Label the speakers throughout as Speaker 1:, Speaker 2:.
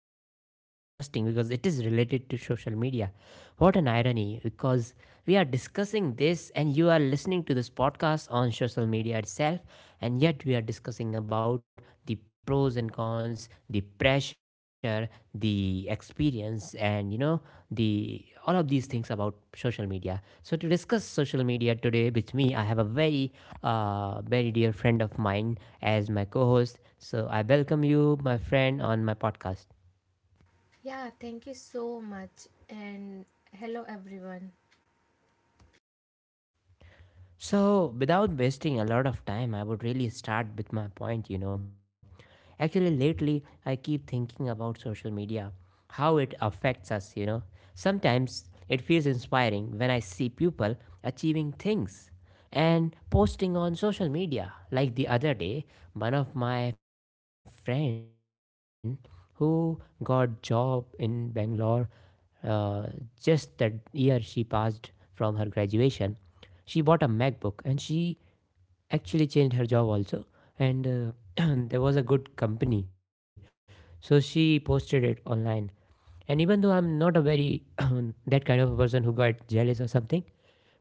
Speaker 1: topic is very interesting because it is related to social media. What an irony, because we are discussing this, and you are listening to this podcast on social media itself, and yet we are discussing about the pros and cons, influence, the pressure, the experience, and the all of these things about social media. So, to discuss social media today with me, I have a very very dear friend of mine as my co-host. So I welcome you, my friend, on my podcast.
Speaker 2: Yeah, thank you so much. And hello, everyone.
Speaker 1: So, without wasting a lot of time, I would really start with my point. Actually, lately, I keep thinking about social media, how it affects us. Sometimes it feels inspiring when I see people achieving things and posting on social media. Like the other day, one of my friend who got job in Bangalore, uh, just that year she passed from her graduation, she bought a MacBook, and she actually changed her job also. And there was a good company, so she posted it online. And even though I'm not a very that kind of a person who got jealous or something, but that day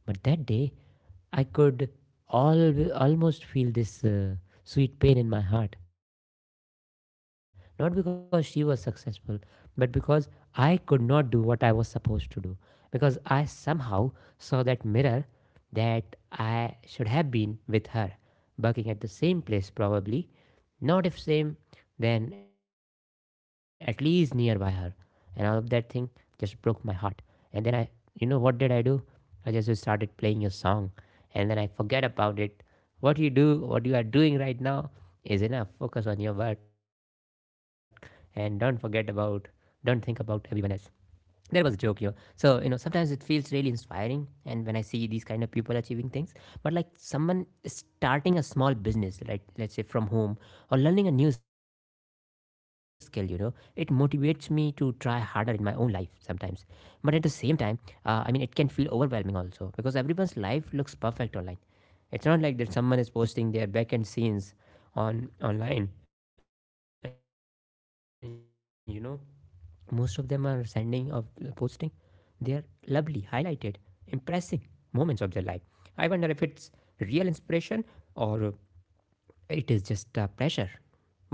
Speaker 1: I could almost feel this sweet pain in my heart. Not because she was successful, but because I could not do what I was supposed to do. Because I somehow saw that mirror, that I should have been with her, working at the same place probably. Not if same, then at least nearby her, and all of that thing just broke my heart. And then I, you know what did I do, I just started playing your song, and then I forget about it. what you do what you are doing right now is enough. Focus on your work and don't think about everyone else. There was a joke. So, sometimes it feels really inspiring, and when I see these kind of people achieving things, but like someone starting a small business, like let's say from home, or learning a new skill, it motivates me to try harder in my own life sometimes. But at the same time, I mean, it can feel overwhelming also, because everyone's life looks perfect online. It's not like that someone is posting their back end scenes on online, and most of them are sending of posting their lovely, highlighted, impressive moments of their life. I wonder if it's real inspiration, or uh, it is just pressure. What do you think, my co-host?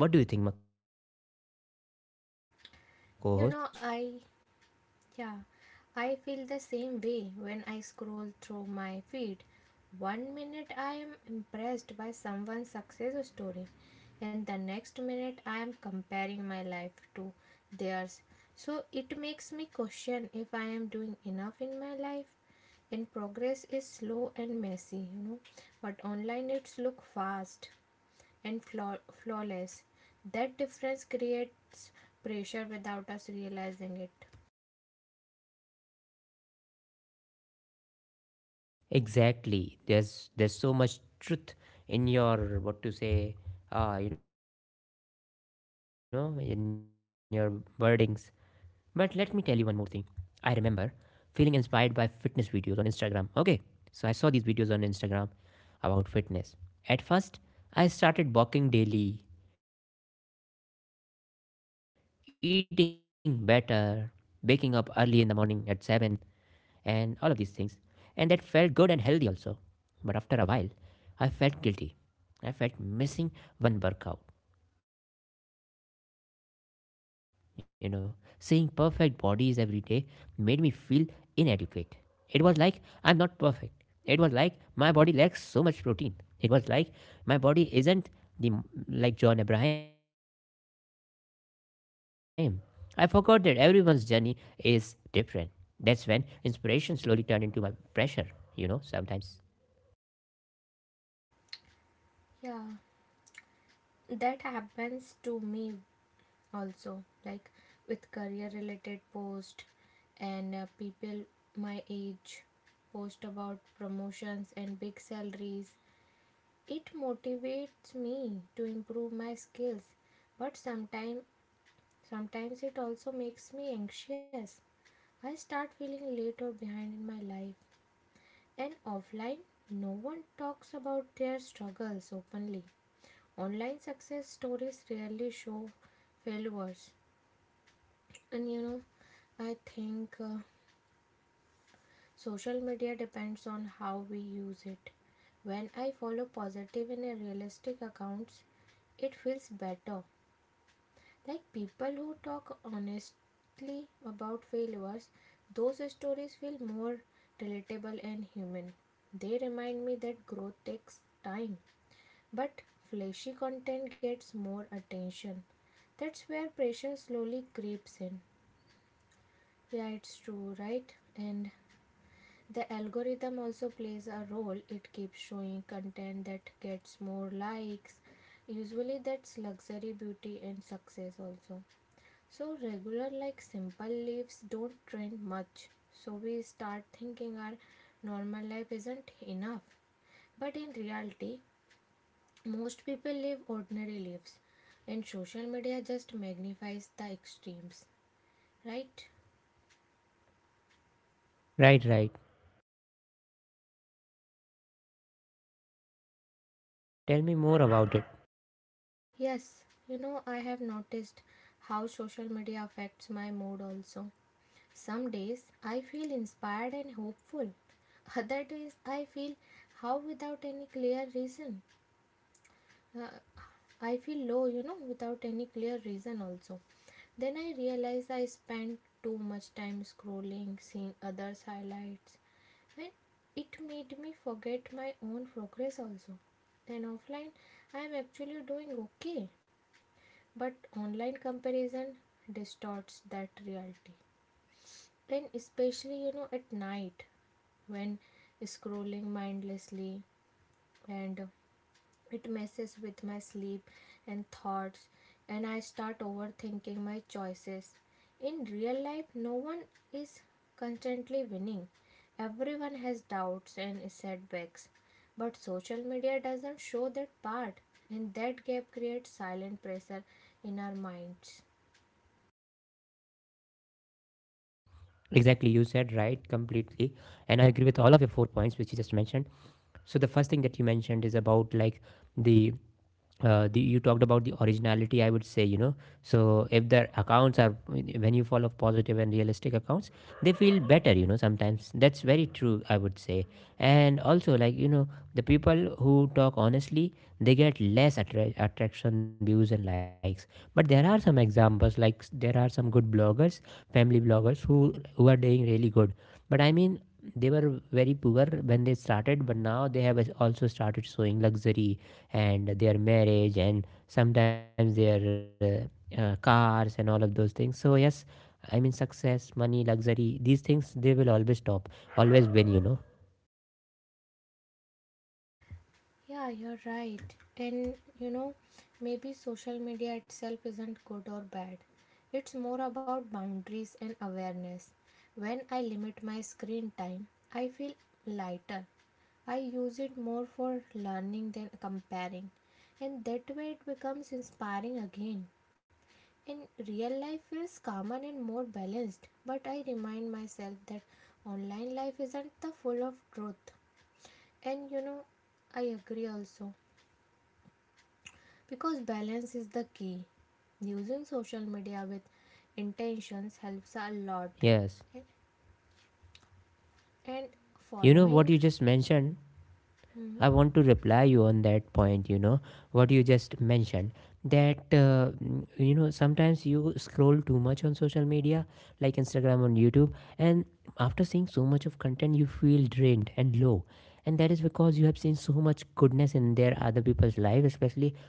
Speaker 2: You know, I Yeah, I feel the same way when I scroll through my feed. One minute I am impressed by someone's success story, and the next minute I am comparing my life to theirs. So it makes me question if I am doing enough in my life. And progress is slow and messy, but online it's look fast and flawless. That difference creates pressure without us realizing it.
Speaker 1: Exactly, there's so much truth in your, what to say, in your wordings. But let me tell you one more thing. I remember feeling inspired by fitness videos on Instagram. Okay, so I saw these videos on Instagram about fitness. At first, I started walking daily, eating better, waking up early in the morning at 7, and all of these things. And that felt good and healthy also. But after a while, I felt guilty. I felt missing one workout. You know, seeing perfect bodies every day made me feel inadequate. It was like I'm not perfect. It was like my body lacks so much protein. It was like my body isn't the m- like John Abraham. I forgot that everyone's journey is different. That's when inspiration slowly turned into my pressure, you know, sometimes.
Speaker 2: Yeah, that happens to me also, like with career related post, and people my age post about promotions and big salaries. It motivates me to improve my skills, but sometimes it also makes me anxious. I start feeling late or behind in my life. And offline, no one talks about their struggles openly. Online success stories rarely show failures. And I think social media depends on how we use it. When I follow positive and realistic accounts, it feels better. Like people who talk honestly about failures, those stories feel more relatable and human. They remind me that growth takes time. But flashy content gets more attention. That's where pressure slowly creeps in. Yeah, it's true, right? And the algorithm also plays a role. It keeps showing content that gets more likes. Usually, that's luxury, beauty, and success also. So, regular, like simple lives, don't trend much. So, we start thinking our normal life isn't enough. But in reality, most people live ordinary lives, and social media just magnifies the extremes, right?
Speaker 1: Right, right. Tell me more about it.
Speaker 2: Yes, I have noticed how social media affects my mood also. Some days I feel inspired and hopeful, other days I feel how without any clear reason. Uh, I feel low, without any clear reason also. Then I realize I spend too much time scrolling, seeing others' highlights, and it made me forget my own progress also. Then offline, I am actually doing okay, but online comparison distorts that reality. Then, especially, at night when scrolling mindlessly, and it messes with my sleep and thoughts, and I start overthinking my choices. In real life, no one is constantly winning. Everyone has doubts and setbacks. But social media doesn't show that part, and that gap creates silent pressure in our minds.
Speaker 1: Exactly, you said right completely, and I agree with all of your 4 points which you just mentioned. So the first thing that you mentioned is about, like, the you talked about the originality, I would say. So, if their accounts are, when you follow positive and realistic accounts, they feel better, sometimes, that's very true, I would say. And also, like, the people who talk honestly, they get less attraction, views, and likes. But there are some examples, like, there are some good bloggers, family bloggers, who are doing really good. But I mean, they were very poor when they started, but now they have also started showing luxury, and their marriage, and sometimes their cars, and all of those things. So yes, I mean, success, money, luxury, these things, they will always win.
Speaker 2: Yeah, you're right. And you know, maybe social media itself isn't good or bad. It's more about boundaries and awareness. When I limit my screen time, I feel lighter. I use it more for learning than comparing. And that way it becomes inspiring again. And real life feels calmer and more balanced, but I remind myself that online life isn't the full of truth. And I agree also. Because balance is the key. Using social media with
Speaker 1: Yes,
Speaker 2: intentions helps a lot. Okay? And
Speaker 1: you know what
Speaker 2: following,
Speaker 1: you just mentioned,
Speaker 2: mhm.
Speaker 1: I want to reply you on that point, what you just mentioned, that sometimes you scroll too much on social media, like Instagram or YouTube, and after seeing so much of content, you feel drained and low. And that is because you have seen so much goodness in their other people's life, especially,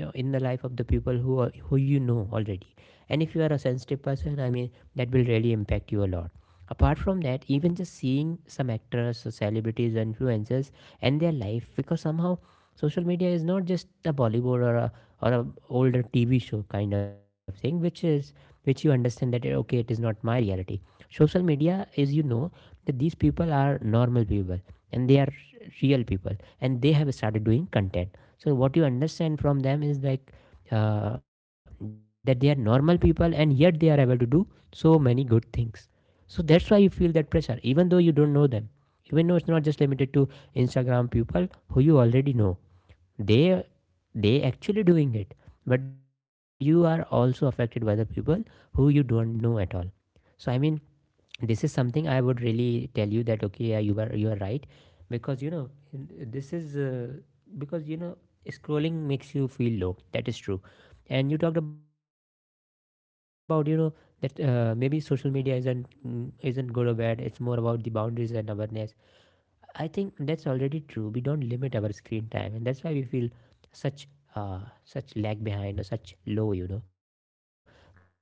Speaker 1: in the life of the people who you know already. And if you are a sensitive person, I mean, that will really impact you a lot. Apart from that, even just seeing some actors or celebrities or influencers and their life, because somehow social media is not just a Bollywood, or a older TV show kind of thing, which you understand that, okay, it is not my reality. Social media is, that these people are normal people, and they are real people, and they have started doing content. So what you understand from them is like, that they are normal people, and yet they are able to do so many good things. So that's why you feel that pressure, even though you don't know them. Even though it's not just limited to Instagram people who you already know. They they actually doing it. But you are also affected by the people who you don't know at all. So I mean, this is something I would really tell you that, okay, yeah, you are, right. Because you know this is uh, because scrolling makes you feel low, that is true. And you talked about, that maybe social media isn't good or bad, it's more about the boundaries and awareness. I think that's already true, we don't limit our screen time, and that's why we feel such such lag behind, or such low. But I also say that, what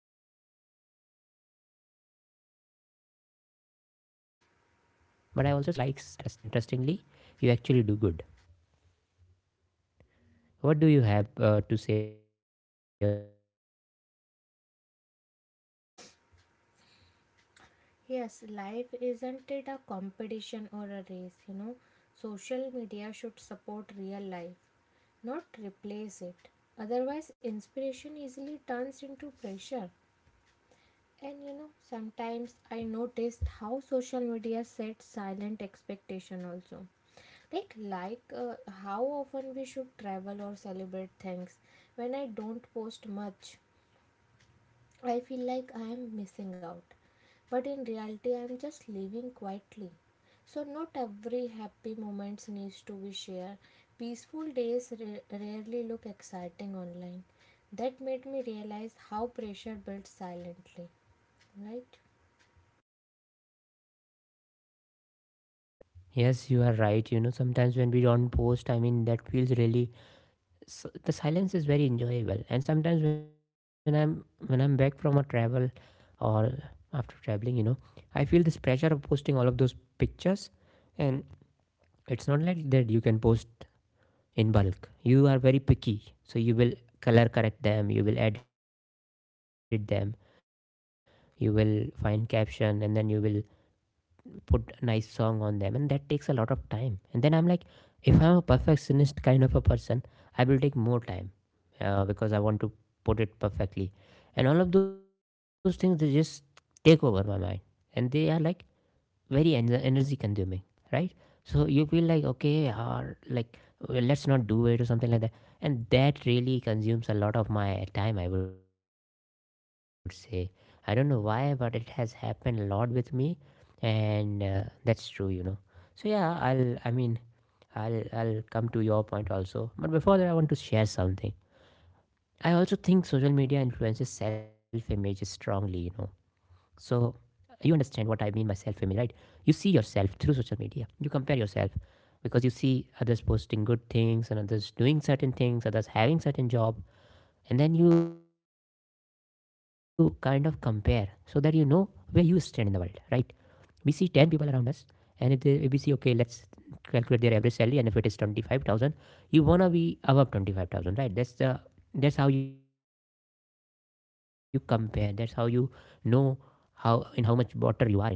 Speaker 1: who gets more likes and, dislikes. When you are genuine, when you are interesting, if you put something interestingly, you actually do good. What do you have, to say on this?
Speaker 2: Yes, life isn't it a competition or a race? Social media should support real life, not replace it. Otherwise, inspiration easily turns into pressure. And sometimes I noticed how social media sets silent expectation also. Like how often we should travel or celebrate things. When I don't post much, I feel like I am missing out. But in reality, I am just living quietly. So not every happy moments needs to be shared. Peaceful days rarely look exciting online. That made me realize how pressure builds silently, right?
Speaker 1: Yes, you are right. Sometimes when we don't post, I mean, that feels really, s the silence is very enjoyable. And sometimes when I'm back from a travel, or after traveling, I feel this pressure of posting all of those pictures. And it's not like that you can post in bulk, you are very picky. So you will color correct them, you will edit them, you will find caption, and then you will put a nice song on them, and that takes a lot of time. And then I'm like, if I'm a perfectionist kind of a person, I will take more time, because I want to put it perfectly. And all of those things, they just take over my mind, and they are like very energy consuming, right? So you feel like, okay, or like, well, let's not do it or something like that. And that really consumes a lot of my time, I would say. I don't know why, but it has happened a lot with me. And that's true. So yeah, I mean, I'll come to your point also, but before that, I want to share something. I also think social media influences self image strongly. So, you understand what I mean by self image, right? You see yourself through social media. You compare yourself because you see others posting good things and others doing certain things, others having certain job, and then you kind of compare so that you know where you stand in the world, right? We see 10 people around us, and if we see, okay, let's calculate their average salary, and if it is 25,000, you wanna be above 25,000, right? That's how you compare, that's how you know how much water you are in, right?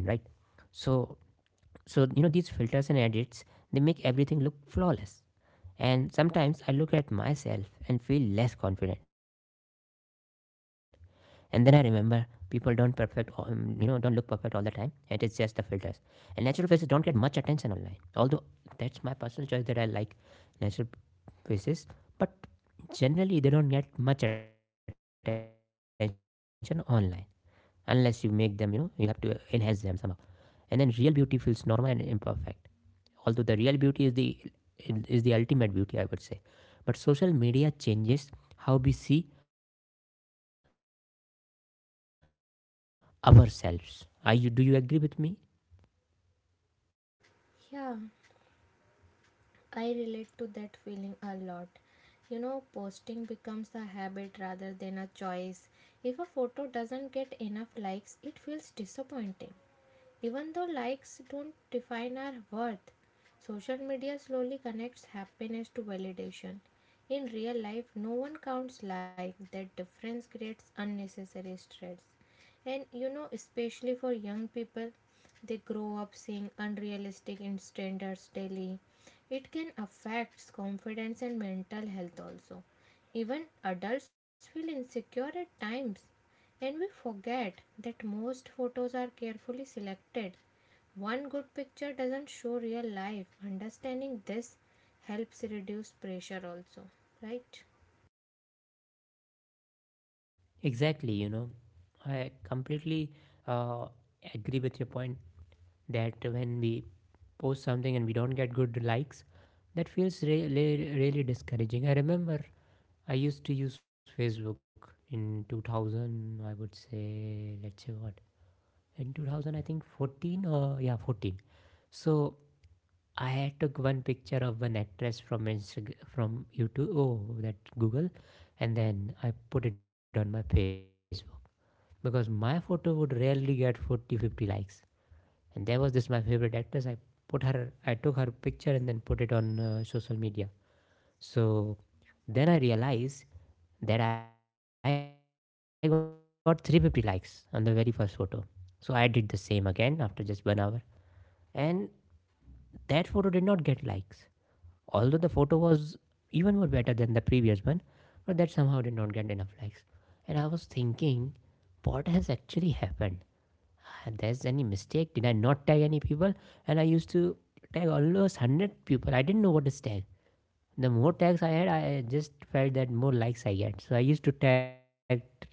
Speaker 1: So so you know, these filters and edits, they make everything look flawless. And sometimes I look at myself and feel less confident. And then I remember people don't perfect, don't look perfect all the time, it is just the filters. And natural faces don't get much attention online. Although that's my personal choice, that I like natural faces, but generally they don't get much attention online unless you make them, you know, you have to enhance them somehow. And then real beauty feels normal and imperfect, although the real beauty is the ultimate beauty, I would say. But social media changes how we see ourselves. Are you do you agree with me?
Speaker 2: Yeah, I relate to that feeling a lot. Posting becomes a habit rather than a choice. If a photo doesn't get enough likes, it feels disappointing. Even though likes don't define our worth, social media slowly connects happiness to validation. In real life, no one counts like that difference creates unnecessary stress. And especially for young people, they grow up seeing unrealistic in standards daily. It can affect confidence and mental health also. Even adults feel insecure at times, and we forget that most photos are carefully selected. One good picture doesn't show real life. Understanding this helps reduce pressure also, right?
Speaker 1: Exactly, you know, I completely uh, agree with your point, that when we post something and we don't get good likes, that feels really, really discouraging. I remember I used to use Facebook in 2000, I would say. Let's say what— in 2000, I think 14, or yeah, 14. So I had took one picture of one actress from Instagram, from YouTube, oh, that Google, and then I put it on my Facebook, because my photo would rarely get 40, 50 likes. And there was this my favorite actress. I put her, I took her picture and then put it on social media. So then I realized that I got 350 likes on the very first photo. So I did the same again after just one hour, and that photo did not get likes, although the photo was even more better than the previous one, but that somehow did not get enough likes. And I was thinking, what has actually happened? Ah, there's any mistake? Did I not tag any people? And I used to tag almost 100 people. I didn't know what is tag— the more tags I had, I just felt that more likes I get. So I used to tag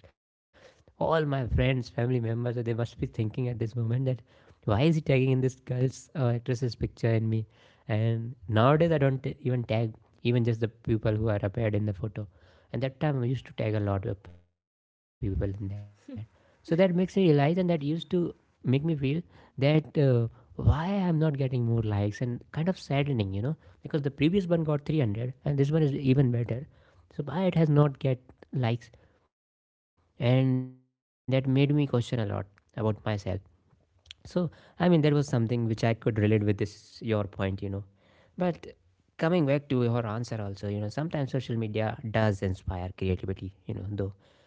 Speaker 1: all my friends, family members. So they must be thinking at this moment, that why is he tagging in this girl's or actress's picture in me? And nowadays I don't even tag, even just the people who are appeared in the photo. And that time I used to tag a lot of people in that. So that makes me realize, and that used to make me feel that why I'm not getting more likes, and kind of saddening, you know, because the previous one got 300 and this one is even better, so why it has not get likes. And that made me question a lot about myself. So I mean, there was something which I could relate with, this your point, you know. But coming back to your answer also, you know, sometimes social media does inspire creativity, you know, though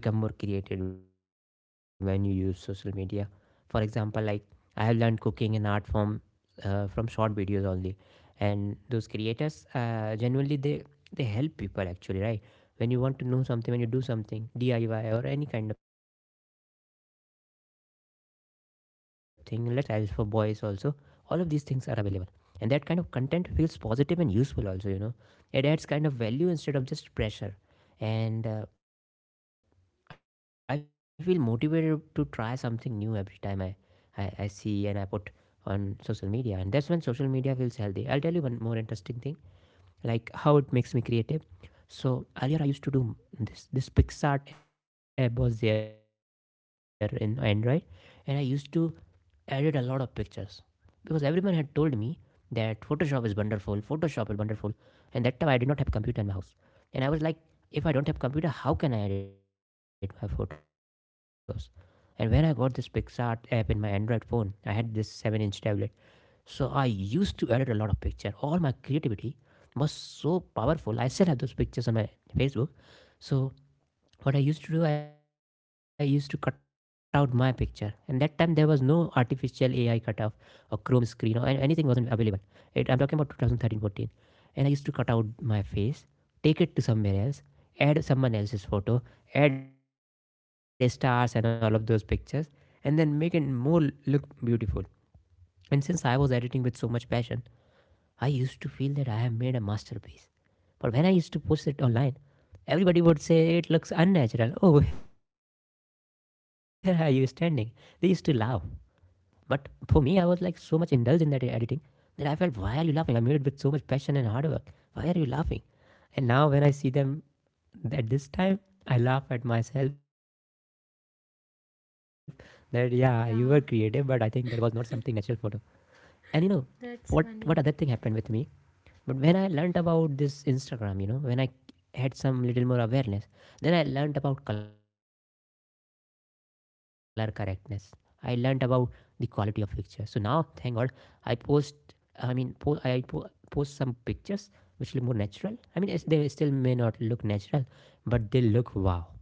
Speaker 1: you become more creative when you use social media. For example, like, I have learned cooking and art form from short videos only. And those creators, genuinely, they help people, actually, right? When you want to know something, when you do something, DIY or any kind of thing, let's say makeup for girls, or let's say grooming and styling styles for boys also, all of these things are available. And that kind of content feels positive and useful also, you know, it adds kind of value instead of just pressure. And I feel motivated to try something new every time I see and I put on social media. And that's when social media feels healthy. I'll tell you one more interesting thing, like how it makes me creative. So earlier I used to do this. This PixArt app was there in Android, and I used to edit a lot of pictures, because everyone had told me that Photoshop is wonderful, Photoshop is wonderful. And that time I did not have computer in my house, and I was like, if I don't have computer, how can I edit my photos? And when I got this PixArt app in my Android phone, I had this 7-inch tablet. So I used to edit a lot of picture. All my creativity was so powerful. I still have those pictures on my Facebook. So what I used to do, I used to cut out my picture. And that time there was no artificial AI cutoff or Chrome screen or anything wasn't available. It— I'm talking about 2013-14. And I used to cut out my face, take it to somewhere else, add someone else's photo, add stars and all of those pictures, and then make it more look beautiful. And since I was editing with so much passion, I used to feel that I have made a masterpiece. But when I used to post it online, everybody would say it looks unnatural. Oh, where are you standing? They used to laugh. But for me, I was like so much indulged in that editing, that I felt, why are you laughing? I made it with so much passion and hard work. Why are you laughing? And now when I see them at this time, I laugh at myself, that yeah, you were creative, but I think that was not
Speaker 2: Yeah,
Speaker 1: something natural photo. And you know what other
Speaker 2: that's
Speaker 1: thing
Speaker 2: funny.
Speaker 1: happened with me? But when I learned about this Instagram, you know, when I had some little more awareness, then I learned about color correctness. I learned about the quality of picture. So now, thank God, I post. I mean, I post some pictures which look more natural. I mean, they still may not look natural, but they look wow.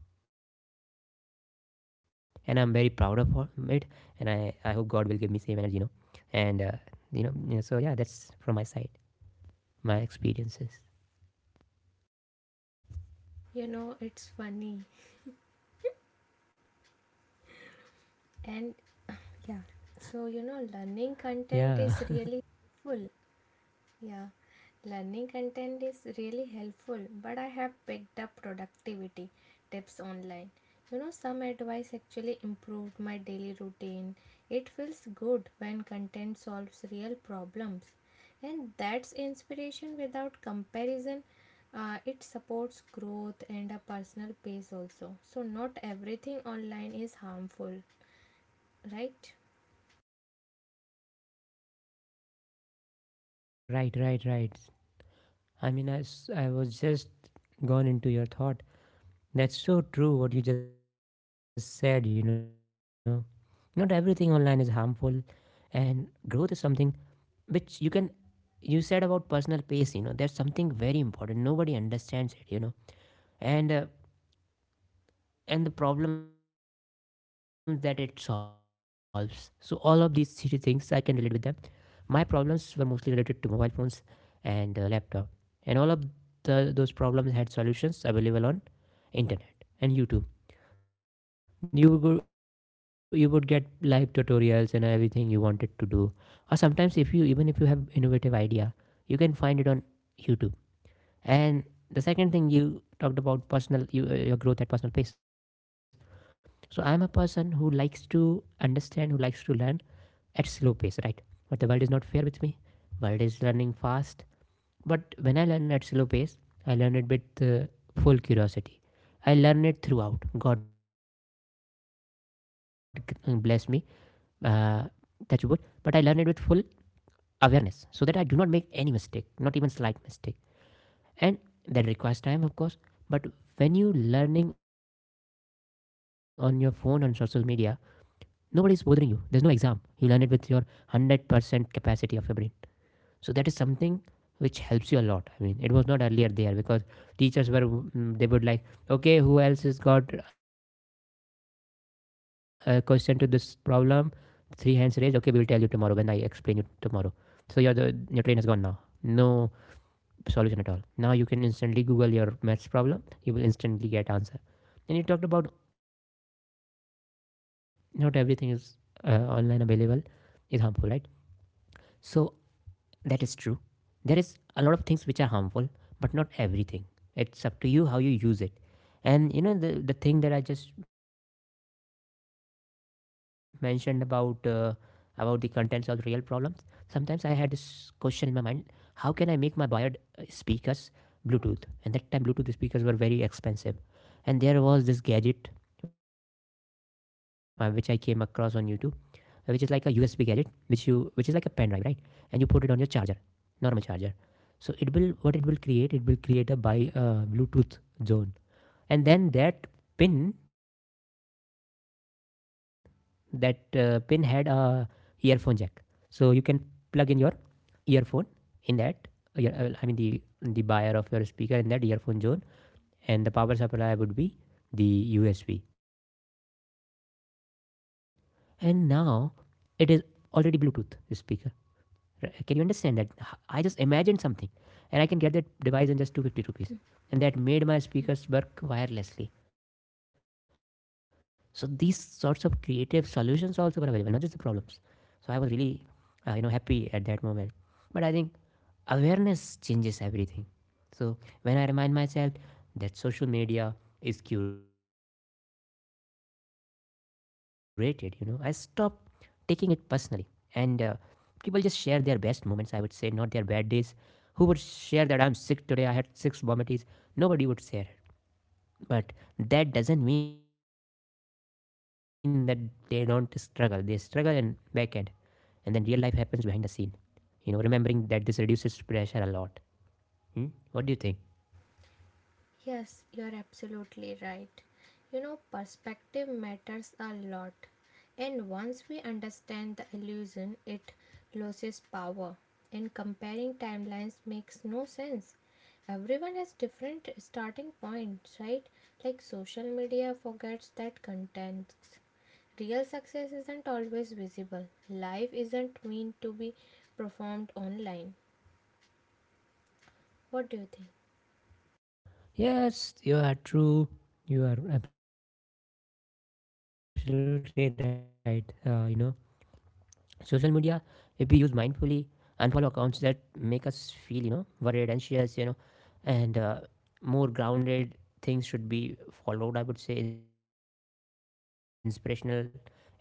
Speaker 1: And I'm very proud of it. And I hope God will give me same energy, you know. And so yeah, that's from my side, my experiences.
Speaker 2: It's funny. And
Speaker 1: Yeah.
Speaker 2: Yeah. So, learning content is really helpful. Yeah. Learning content is really helpful, but I have picked up productivity tips online. Some advice actually improved my daily routine. It feels good when content solves real problems. And that's inspiration without comparison. It supports growth and a personal pace also. So, not everything online is harmful, right?
Speaker 1: Right, right, right. I mean, I was just gone into your thought. That's so true, what you just said, you know. Not everything online is harmful. And growth is something which you can— you said about personal pace, you know, that's something very important, nobody understands it, you know. And uh, and the problems that it solves. So all of these three things I can relate with them. My problems were mostly related to mobile phones and laptop, and all of those problems had solutions available on internet and YouTube. You would get live tutorials and everything you wanted to do, or sometimes if you even if you have innovative idea, you can find it on YouTube. And the second thing you talked about personal— your growth at personal pace. So I'm a person who likes to understand, who likes to learn at slow pace, right? But the world is not fair with me. World is learning fast. But when I learn at slow pace, I learn it with full curiosity. I learn it throughout. God bless me, uh, touch wood. But I learn it with full awareness, so that I do not make any mistake, not even slight mistake. And that requires time, of course. But when you learning on your phone on social media, nobody's bothering you, there's no exam, you learn it with your 100% capacity of your brain. So that is something which helps you a lot. I mean, it was not earlier there, because teachers were they would like, okay, who else has got a question to this problem, three hands raised, okay, we will tell you tomorrow, when I explain you tomorrow. So your train has gone now, no solution at all. Now you can instantly Google your maths problem, you will instantly get answer. And you talked about not everything is online available is harmful, right? So that is true. There is a lot of things which are harmful, but not everything. It's up to you how you use it. And you know the thing that I just mentioned about the contents of real problems. Sometimes I had this question in my mind: how can I make my wired speakers Bluetooth? And that time Bluetooth speakers were very expensive, and there was this gadget which I came across on YouTube, which is like a USB gadget, which is like a pen drive, right? And you put it on your charger, normal charger. So it will— what— it will create a— by Bluetooth zone. And then pin that pin had a earphone jack, so you can plug in your earphone in that ear, I mean the buyer of your speaker in that earphone zone. And the power supply would be the USB, and now it is already Bluetooth speaker. Right? Can you understand that? I just imagined something, and I can get that device in just 250 rupees. And that made my speakers work wirelessly. So these sorts of creative solutions also were available, not just the problems. So I was really, happy at that moment. But I think awareness changes everything. So when I remind myself that social media is curated, you know, I stop taking it personally. And people just share their best moments, I would say, not their bad days. Who would share that I'm sick today? I had six vomities. Nobody would share it. But that doesn't mean that they don't struggle. They struggle in back end. And then real life happens behind the scene. You know, remembering that this reduces pressure a lot. Hmm? What do you think?
Speaker 2: Yes, you are absolutely right. Perspective matters a lot. And once we understand the illusion, it loses power. And comparing timelines makes no sense. Everyone has different starting points, right? Like social media forgets that context. Real success isn't always visible. Life isn't meant to be performed online. What do you think?
Speaker 1: Yes, you are true. You are absolutely right. You know, social media, if we use mindfully, unfollow accounts that make us feel, worried, anxious, and more grounded things should be followed. I would say inspirational and practical ideas should be followed,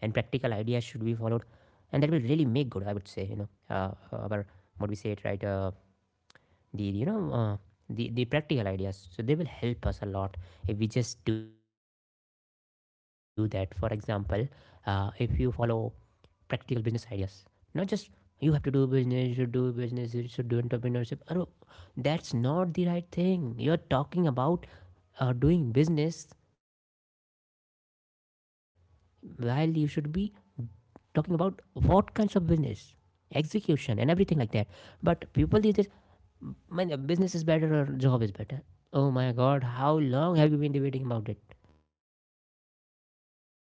Speaker 1: and that will really make good. I would say, our what we say it right. The you know The practical ideas, so they will help us a lot if we just do that. For example, if you follow practical business ideas, not just you have to do business, you should do business, you should do entrepreneurship Arro, that's not the right thing. You're talking about doing business, while you should be talking about what kinds of business, execution, and everything like that. But people these days, man, business is better or job is better. Oh my god, how long have you been debating about it? Do whatever gives you money.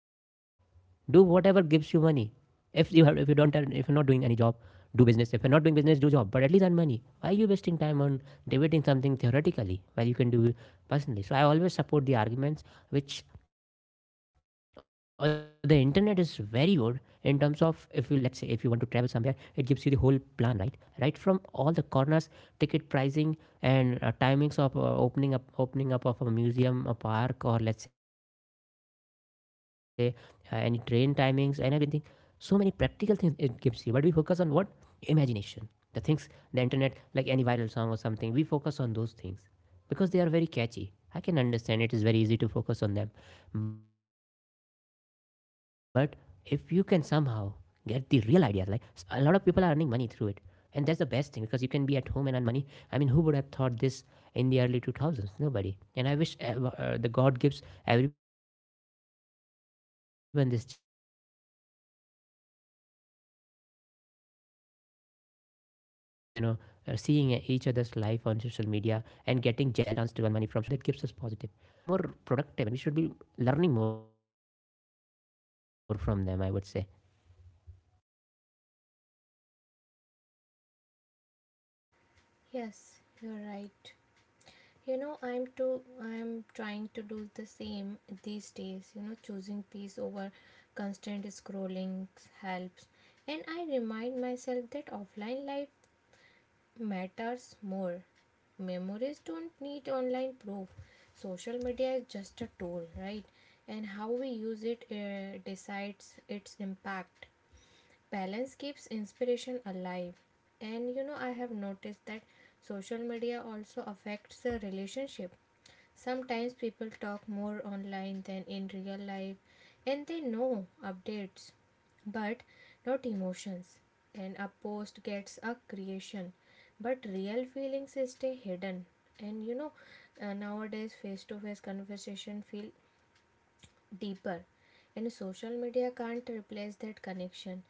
Speaker 1: If you have, if you don't, if you're not doing any job, do business. If you're not doing business, do job, but at least earn money. Why are you wasting time on debating something theoretically while you can do it personally? So I always support the arguments which, or the internet is very good in terms of, if you, let's say, if you want to travel somewhere, it gives you the whole plan, right, right from all the corners, ticket pricing, and timings of opening up of a museum, a park, or let's say any train timings and everything. So many practical things it gives you, but we focus on what? Imagination. The things the internet, like any viral song or something, we focus on those things because they are very catchy. I can understand, it is very easy to focus on them. But if you can somehow get the real ideas, like a lot of people are earning money through it, and that's the best thing because you can be at home and earn money. I mean, who would have thought this in the early 2000s? Nobody. And I wish ever, the god gives everyone this chance to earn money from social media. So these are some practical things that we can follow that gives us positive things, you know, instead of just seeing each other's life on social media and getting jealous. We should be more productive and we should be learning more from them, I would say.
Speaker 2: Yes, you're right. I'm trying to do the same these days. Choosing peace over constant scrolling helps. And I remind myself that offline life matters more. Memories don't need online proof. Social media is just a tool, right? And how we use it decides its impact. Balance keeps inspiration alive. And I have noticed that social media also affects the relationship. Sometimes people talk more online than in real life, and they know updates but not emotions. And a post gets a creation, but real feelings stay hidden. And nowadays face to face conversation feel deeper, and social media can't replace that connection.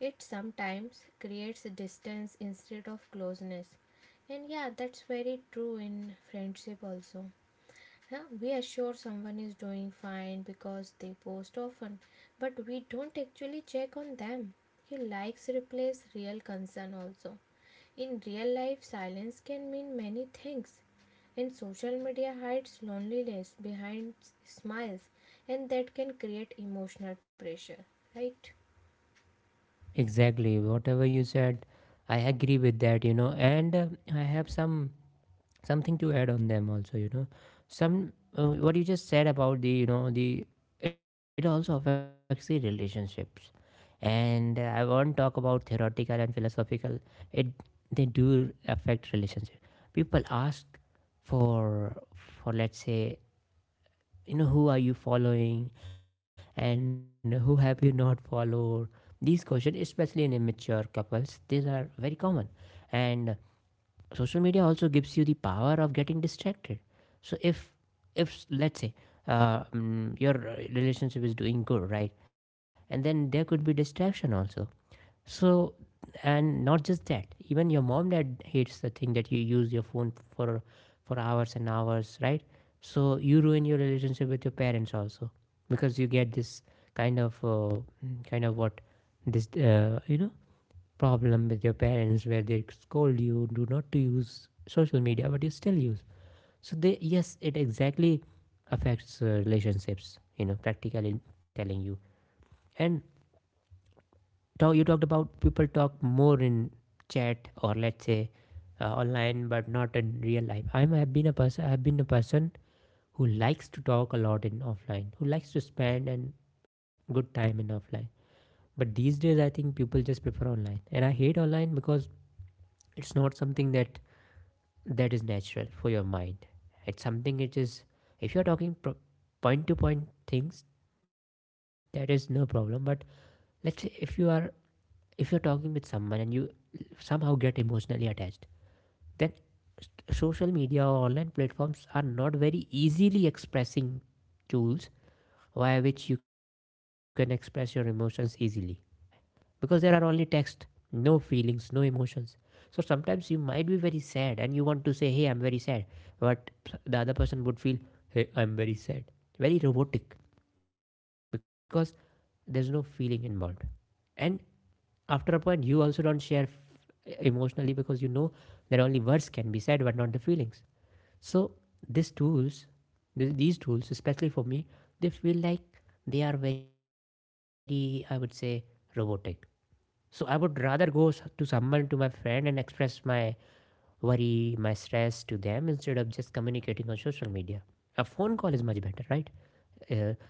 Speaker 2: It sometimes creates distance instead of closeness. And yeah, that's very true in friendship also. Huh? We are sure someone is doing fine because they post often, but we don't actually check on them. He likes replace real concern also. In real life, silence can mean many things. And social media hides loneliness behind smiles, and that can create emotional pressure, right?
Speaker 1: Exactly, whatever you said, I agree with that, you know. And I have some something to add on them also, you know, some, what you just said about the, you know the it also affects the relationships. And I won't talk about theoretical and philosophical, it, they do affect relationship. People ask for let's say, you know, who are you following and who have you not followed. These questions, especially in immature couples, these are very common. And social media also gives you the power of getting distracted. So if let's say, your relationship is doing good, right, and then there could be distraction also. So, and not just that, even your mom dad hates the thing that you use your phone for hours and hours, right? So you ruin your relationship with your parents also, because you get this kind of kind of what, this, uh, problem with your parents where they scold you do not to use social media, but you still use. So they, yes, it exactly affects relationships, you know, practically telling you. And talk, you talked about people talk more in chat, or let's say online but not in real life. I've been a person who likes to talk a lot in offline, who likes to spend and good time in offline. But these days I think people just prefer online, and I hate online because it's not something that, that is natural for your mind. It's something which is, if you're talking point to point things, that is no problem. But let's say if you are, if you're talking with someone and you somehow get emotionally attached, then, s- social media or online platforms are not very easily expressing tools via which you can express your emotions easily, because there are only text, no feelings, no emotions. So sometimes you might be very sad and you want to say, Hey, I'm very sad. But the other person would feel, Hey, I'm very sad. Very robotic, because there's no feeling involved. And after a point, you also don't share emotionally because you know that only words can be said but not the feelings. So these tools, these tools, especially for me, they feel like they are very, I would say, robotic. So I would rather go to someone, to my friend, and express my worry, my stress to them instead of just communicating on social media. A phone call is much better, right?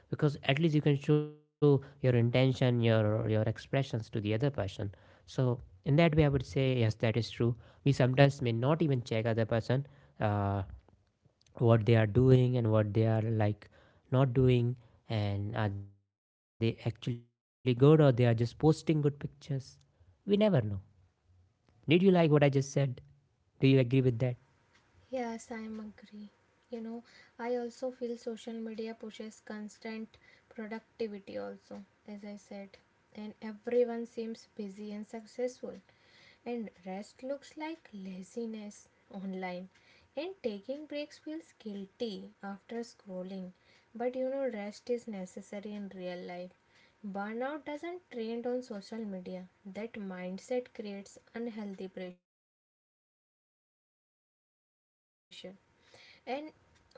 Speaker 1: Uh, because at least you can show your intention, your expressions to the other person. So in that way, I would say yes, that is true. We sometimes may not even check other person, uh, what they are doing and what they are like not doing, and are they actually good or they are just posting good pictures. We never know. Did you like what I just said? Do you agree with that?
Speaker 2: Yes, I'm agree. You know, I also feel social media pushes constant productivity also, as I said. And everyone seems busy and successful. And rest looks like laziness online. And taking breaks feels guilty after scrolling. But rest is necessary in real life. Burnout doesn't trend on social media. That mindset creates unhealthy pressure. And hustle culture is everywhere online, right?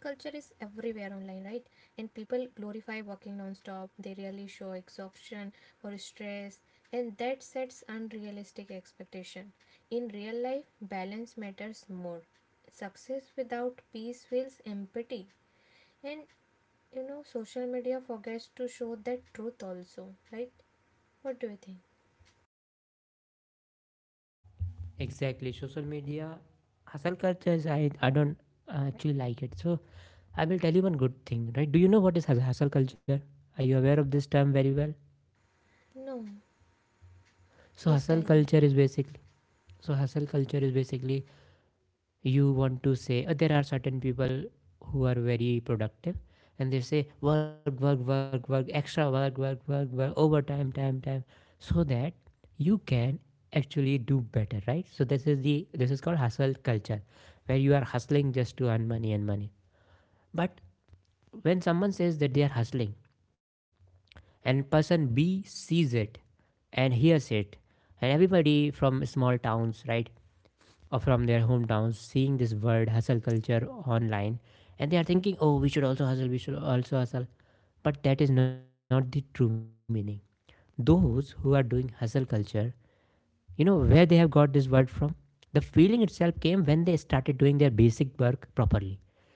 Speaker 2: And people glorify working non-stop. They rarely show exhaustion or stress, and that sets unrealistic expectation. In real life, balance matters more. Success without peace feels empty. And social media forgets to show that truth also, right? What do you think?
Speaker 1: Exactly. Social media hustle culture is, I don't actually like it. So I will tell you one good thing, right? Do you know what is hustle culture? Are you aware of this term very well?
Speaker 2: No,
Speaker 1: So
Speaker 2: please
Speaker 1: hustle
Speaker 2: tell me.
Speaker 1: culture is basically so hustle culture is basically, you want to say, there are certain people who are very productive, and they say work work work work extra work work work work overtime time time, so that you can actually do better, right? So this is the, this is called hustle culture, where you are hustling just to earn money and money. But when someone says that they are hustling, and person B sees it and hears it, and everybody from small towns, right, or from their hometowns, seeing this word hustle culture online, and they are thinking, oh, we should also hustle, we should also hustle. But that is not the true meaning. Those who are doing hustle culture, you know where they have got this word from? The feeling itself came when they started doing their basic work properly.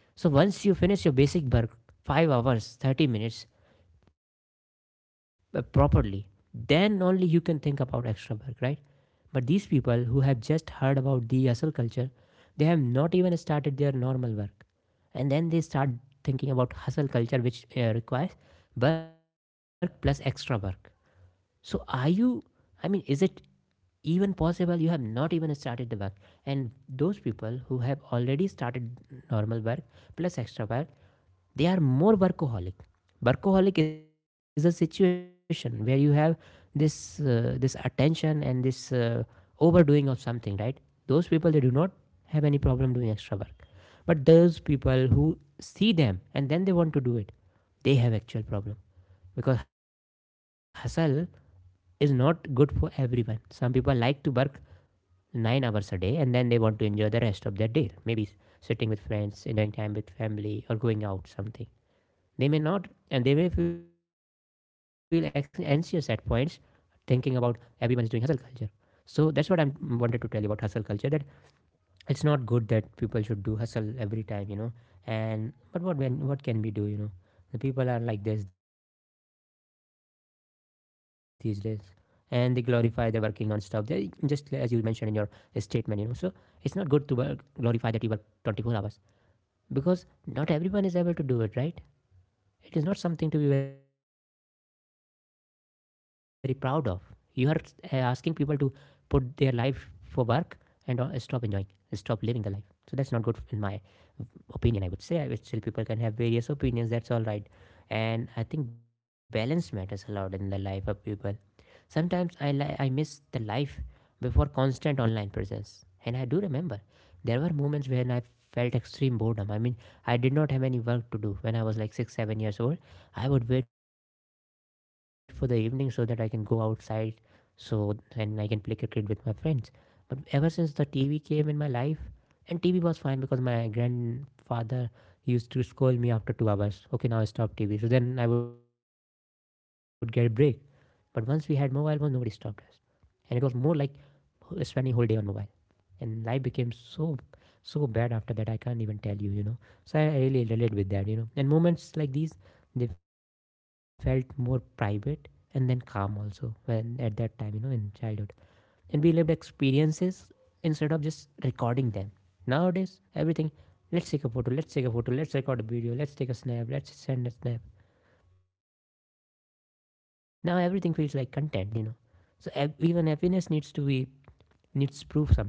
Speaker 1: So once you finish your basic work, 5 hours 30 minutes, properly, then only you can think about extra work, right? But these people who have just heard about the hustle culture, they have not even started their normal work. And then they start thinking about hustle culture, which requires work plus extra work. So, are you, I mean, is it even possible you have not even started the work? And those people who have already started normal work plus extra work, they are more workaholic. Workaholic is a situation where you have this, this attention and this overdoing of something, right? Those people, they do not have any problem doing extra work. But those people who see them and then they want to do it, they have actual problem. Because hustle is not good for everyone. Some people like to work 9 hours a day and then they want to enjoy the rest of their day, maybe sitting with friends, enjoying time with family, or going out something. They may not, and they may feel anxious at points, thinking about everyone is doing hustle culture. So that's what I am wanted to tell you about hustle culture. That it's not good that people should do hustle every time, you know. And but what, when, what can we do, you know? The people are like this these days, and they glorify their working non-stop. They just, as you mentioned in your statement, you know. So it's not good to work, glorify that you work 24 hours, because not everyone is able to do it, right? It is not something to be very proud of. You are asking people to put their life for work and stop enjoying, stop living the life. So that's not good in my opinion, I would say. I would still, people can have various opinions, that's all right. And I think balance matters a lot in the life of people. Sometimes I miss the life before constant online presence, and I do remember there were moments when I felt extreme boredom. I mean, I did not have any work to do when I was like 6 7 years old. I would wait for the evening so that I can go outside, so and I can play cricket with my friends. But ever since the TV came in my life, and TV was fine because my grandfather used to scold me after 2 hours, okay now stop TV, so then I would get a break. But once we had mobile phones, nobody stopped us, and it was more like spending whole day on mobile. And life became so bad after that, I can't even tell you, you know. So I really relate with that, you know, and moments like these, they felt more private and then calm also when at that time, you know, in childhood, and we lived experiences instead of just recording them. Nowadays, everything, let's take a photo, let's take a photo, let's record a video, let's take a snap, let's send a snap. Now everything feels like content, you know. So even happiness needs to be needs proof sometimes, I would say.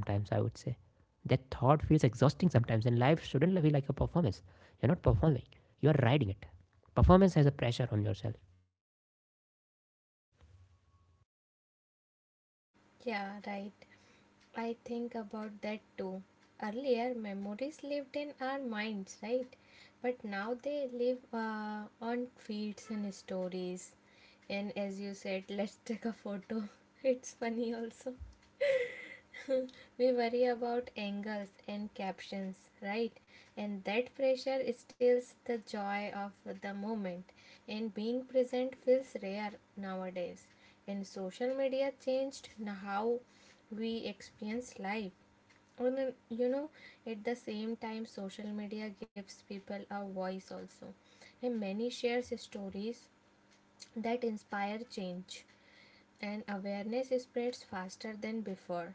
Speaker 1: That thought feels exhausting sometimes, and life shouldn't feel like a performance. You're not performing, you are riding it. Performance has a pressure on yourself.
Speaker 2: Yeah, right. I think about that too. Earlier, memories lived in our minds, right? But now they live on tweets and stories. And as you said, let's take a photo. It's funny also. We worry about angles and captions, right? And that pressure steals the joy of the moment. And being present feels rare nowadays. And social media changed how we experience life. And you know, at the same time, social media gives people a voice also. And many shares stories that inspire change, and awareness spreads faster than before.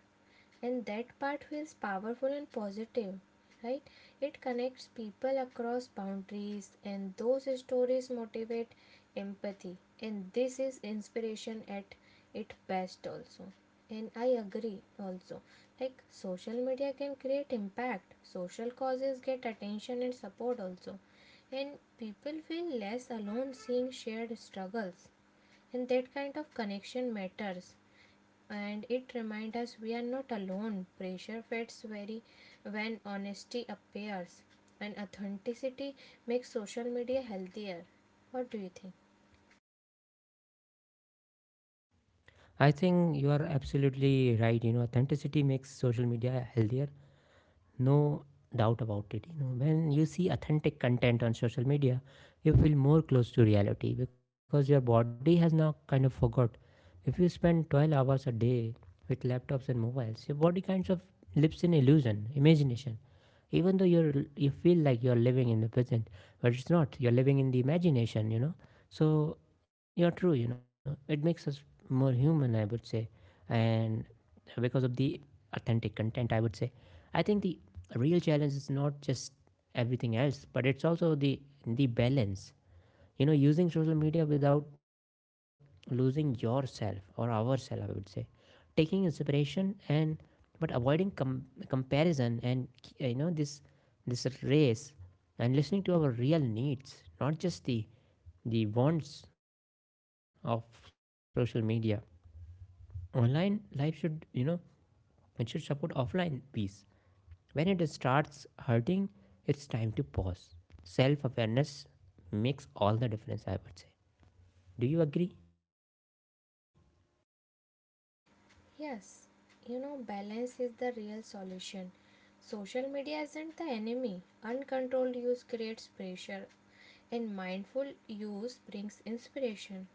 Speaker 2: And that part feels powerful and positive, right? It connects people across boundaries, and those stories motivate empathy. And this is inspiration at its best, also. And I agree also. Like social media can create impact, social causes get attention and support also, and people feel less alone seeing shared struggles, and that kind of connection matters, and it reminds us we are not alone. Pressure fades very when honesty appears, and authenticity makes social media healthier. What do you think?
Speaker 1: I think you are absolutely right. You know, authenticity makes social media healthier, no doubt about it, you know. When you see authentic content on social media, you feel more close to reality because your body has now kind of forgot. If you spend 12 hours a day with laptops and mobiles, your body kinds of lives in illusion, imagination. Even though you feel like you're living in the present, but it's not, you're living in the imagination, you know. So you're true, you know, it makes us more human, I would say. And because of the authentic content, I would say, I think the a real challenge is not just everything else, but it's also the balance, you know, using social media without losing yourself or ourself, I would say, taking inspiration and but avoiding comparison and you know, this race, and listening to our real needs, not just the wants of social media. Online life should, you know, it should support offline peace. When it starts hurting, it's time to pause. Self awareness makes all the difference, I would say. Do you agree?
Speaker 2: Yes, balance is the real solution. Social media isn't the enemy. Uncontrolled use creates pressure, and mindful use brings inspiration.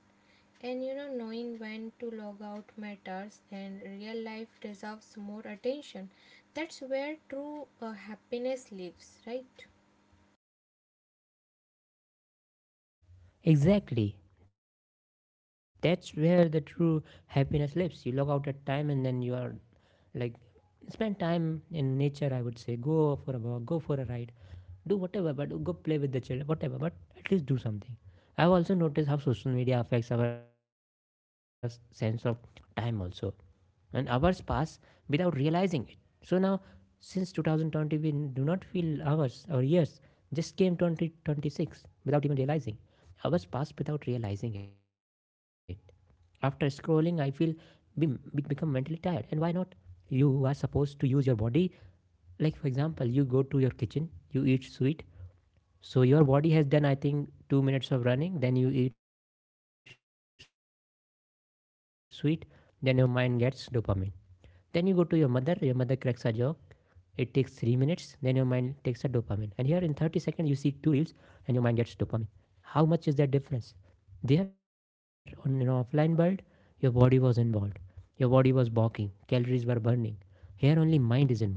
Speaker 2: And knowing when to log out matters, and real life deserves more attention. That's where true happiness lives, right?
Speaker 1: Exactly. That's where the true happiness lives. You log out at time and then you are like, spend time in nature, I would say. Go for a walk, go for a ride, do whatever, but go play with the children, whatever, but at least do something. I've also noticed how social media affects our sense of time also. And hours pass without realizing it. So now, since 2020, we do not feel hours or years. Just came 2026 without even realizing. Hours pass without realizing it. After scrolling, I feel we become mentally tired. And why not? You are supposed to use your body. Like, for example, you go to your kitchen, you eat sweet, so your body has done, I think, 2 minutes of running. Then you eat sweet. Then your mind gets dopamine. Then you go to your mother. Your mother cracks a joke. It takes 3 minutes. Then your mind takes a dopamine. And here in 30 seconds, you see two reels and your mind gets dopamine. How much is that difference? There, on an offline world, your body was involved. Your body was balking, calories were burning. Here, only mind is involved.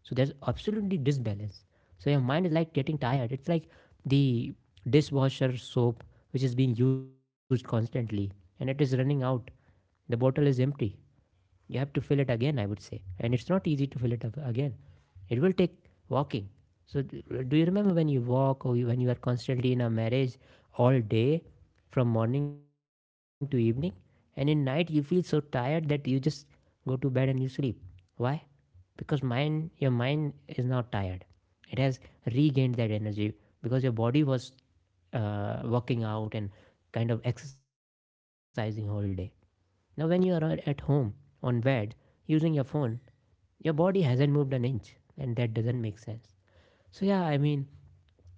Speaker 1: So there's absolutely disbalance. So your mind is like getting tired. It's like the dishwasher soap which is being used constantly and it is running out. The bottle is empty. You have to fill it again, I would say. And it's not easy to fill it up again. It will take walking. So, do you remember when you walk or you, when you are constantly in a marriage all day from morning to evening? And in night, you feel so tired that you just go to bed and you sleep. Why? Because mind, your mind is now tired. It has regained that energy because your body was working out and kind of exercising all day. Now, when you are at home on bed using your phone, your body hasn't moved an inch, and that doesn't make sense. So yeah, I mean,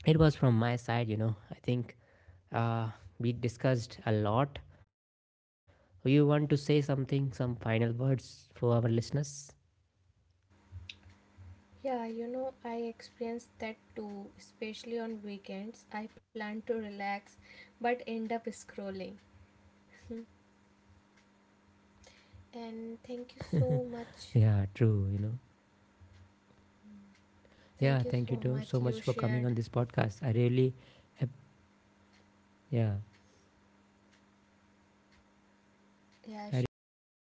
Speaker 1: it was from my side. You know, I think uh, we discussed a lot. You want to say something, some final words for our listeners?
Speaker 2: Yeah, I experienced that too, especially on weekends. I plan to relax but end up scrolling. And thank
Speaker 1: Yeah,
Speaker 2: you so
Speaker 1: true. You know,
Speaker 2: much.
Speaker 1: yeah. Thank you to, so
Speaker 2: Thank you
Speaker 1: much
Speaker 2: so
Speaker 1: for coming
Speaker 2: much,
Speaker 1: on this
Speaker 2: you
Speaker 1: podcast.
Speaker 2: shared.
Speaker 1: Yeah, I really appreciate your time.
Speaker 2: Yes, you shared.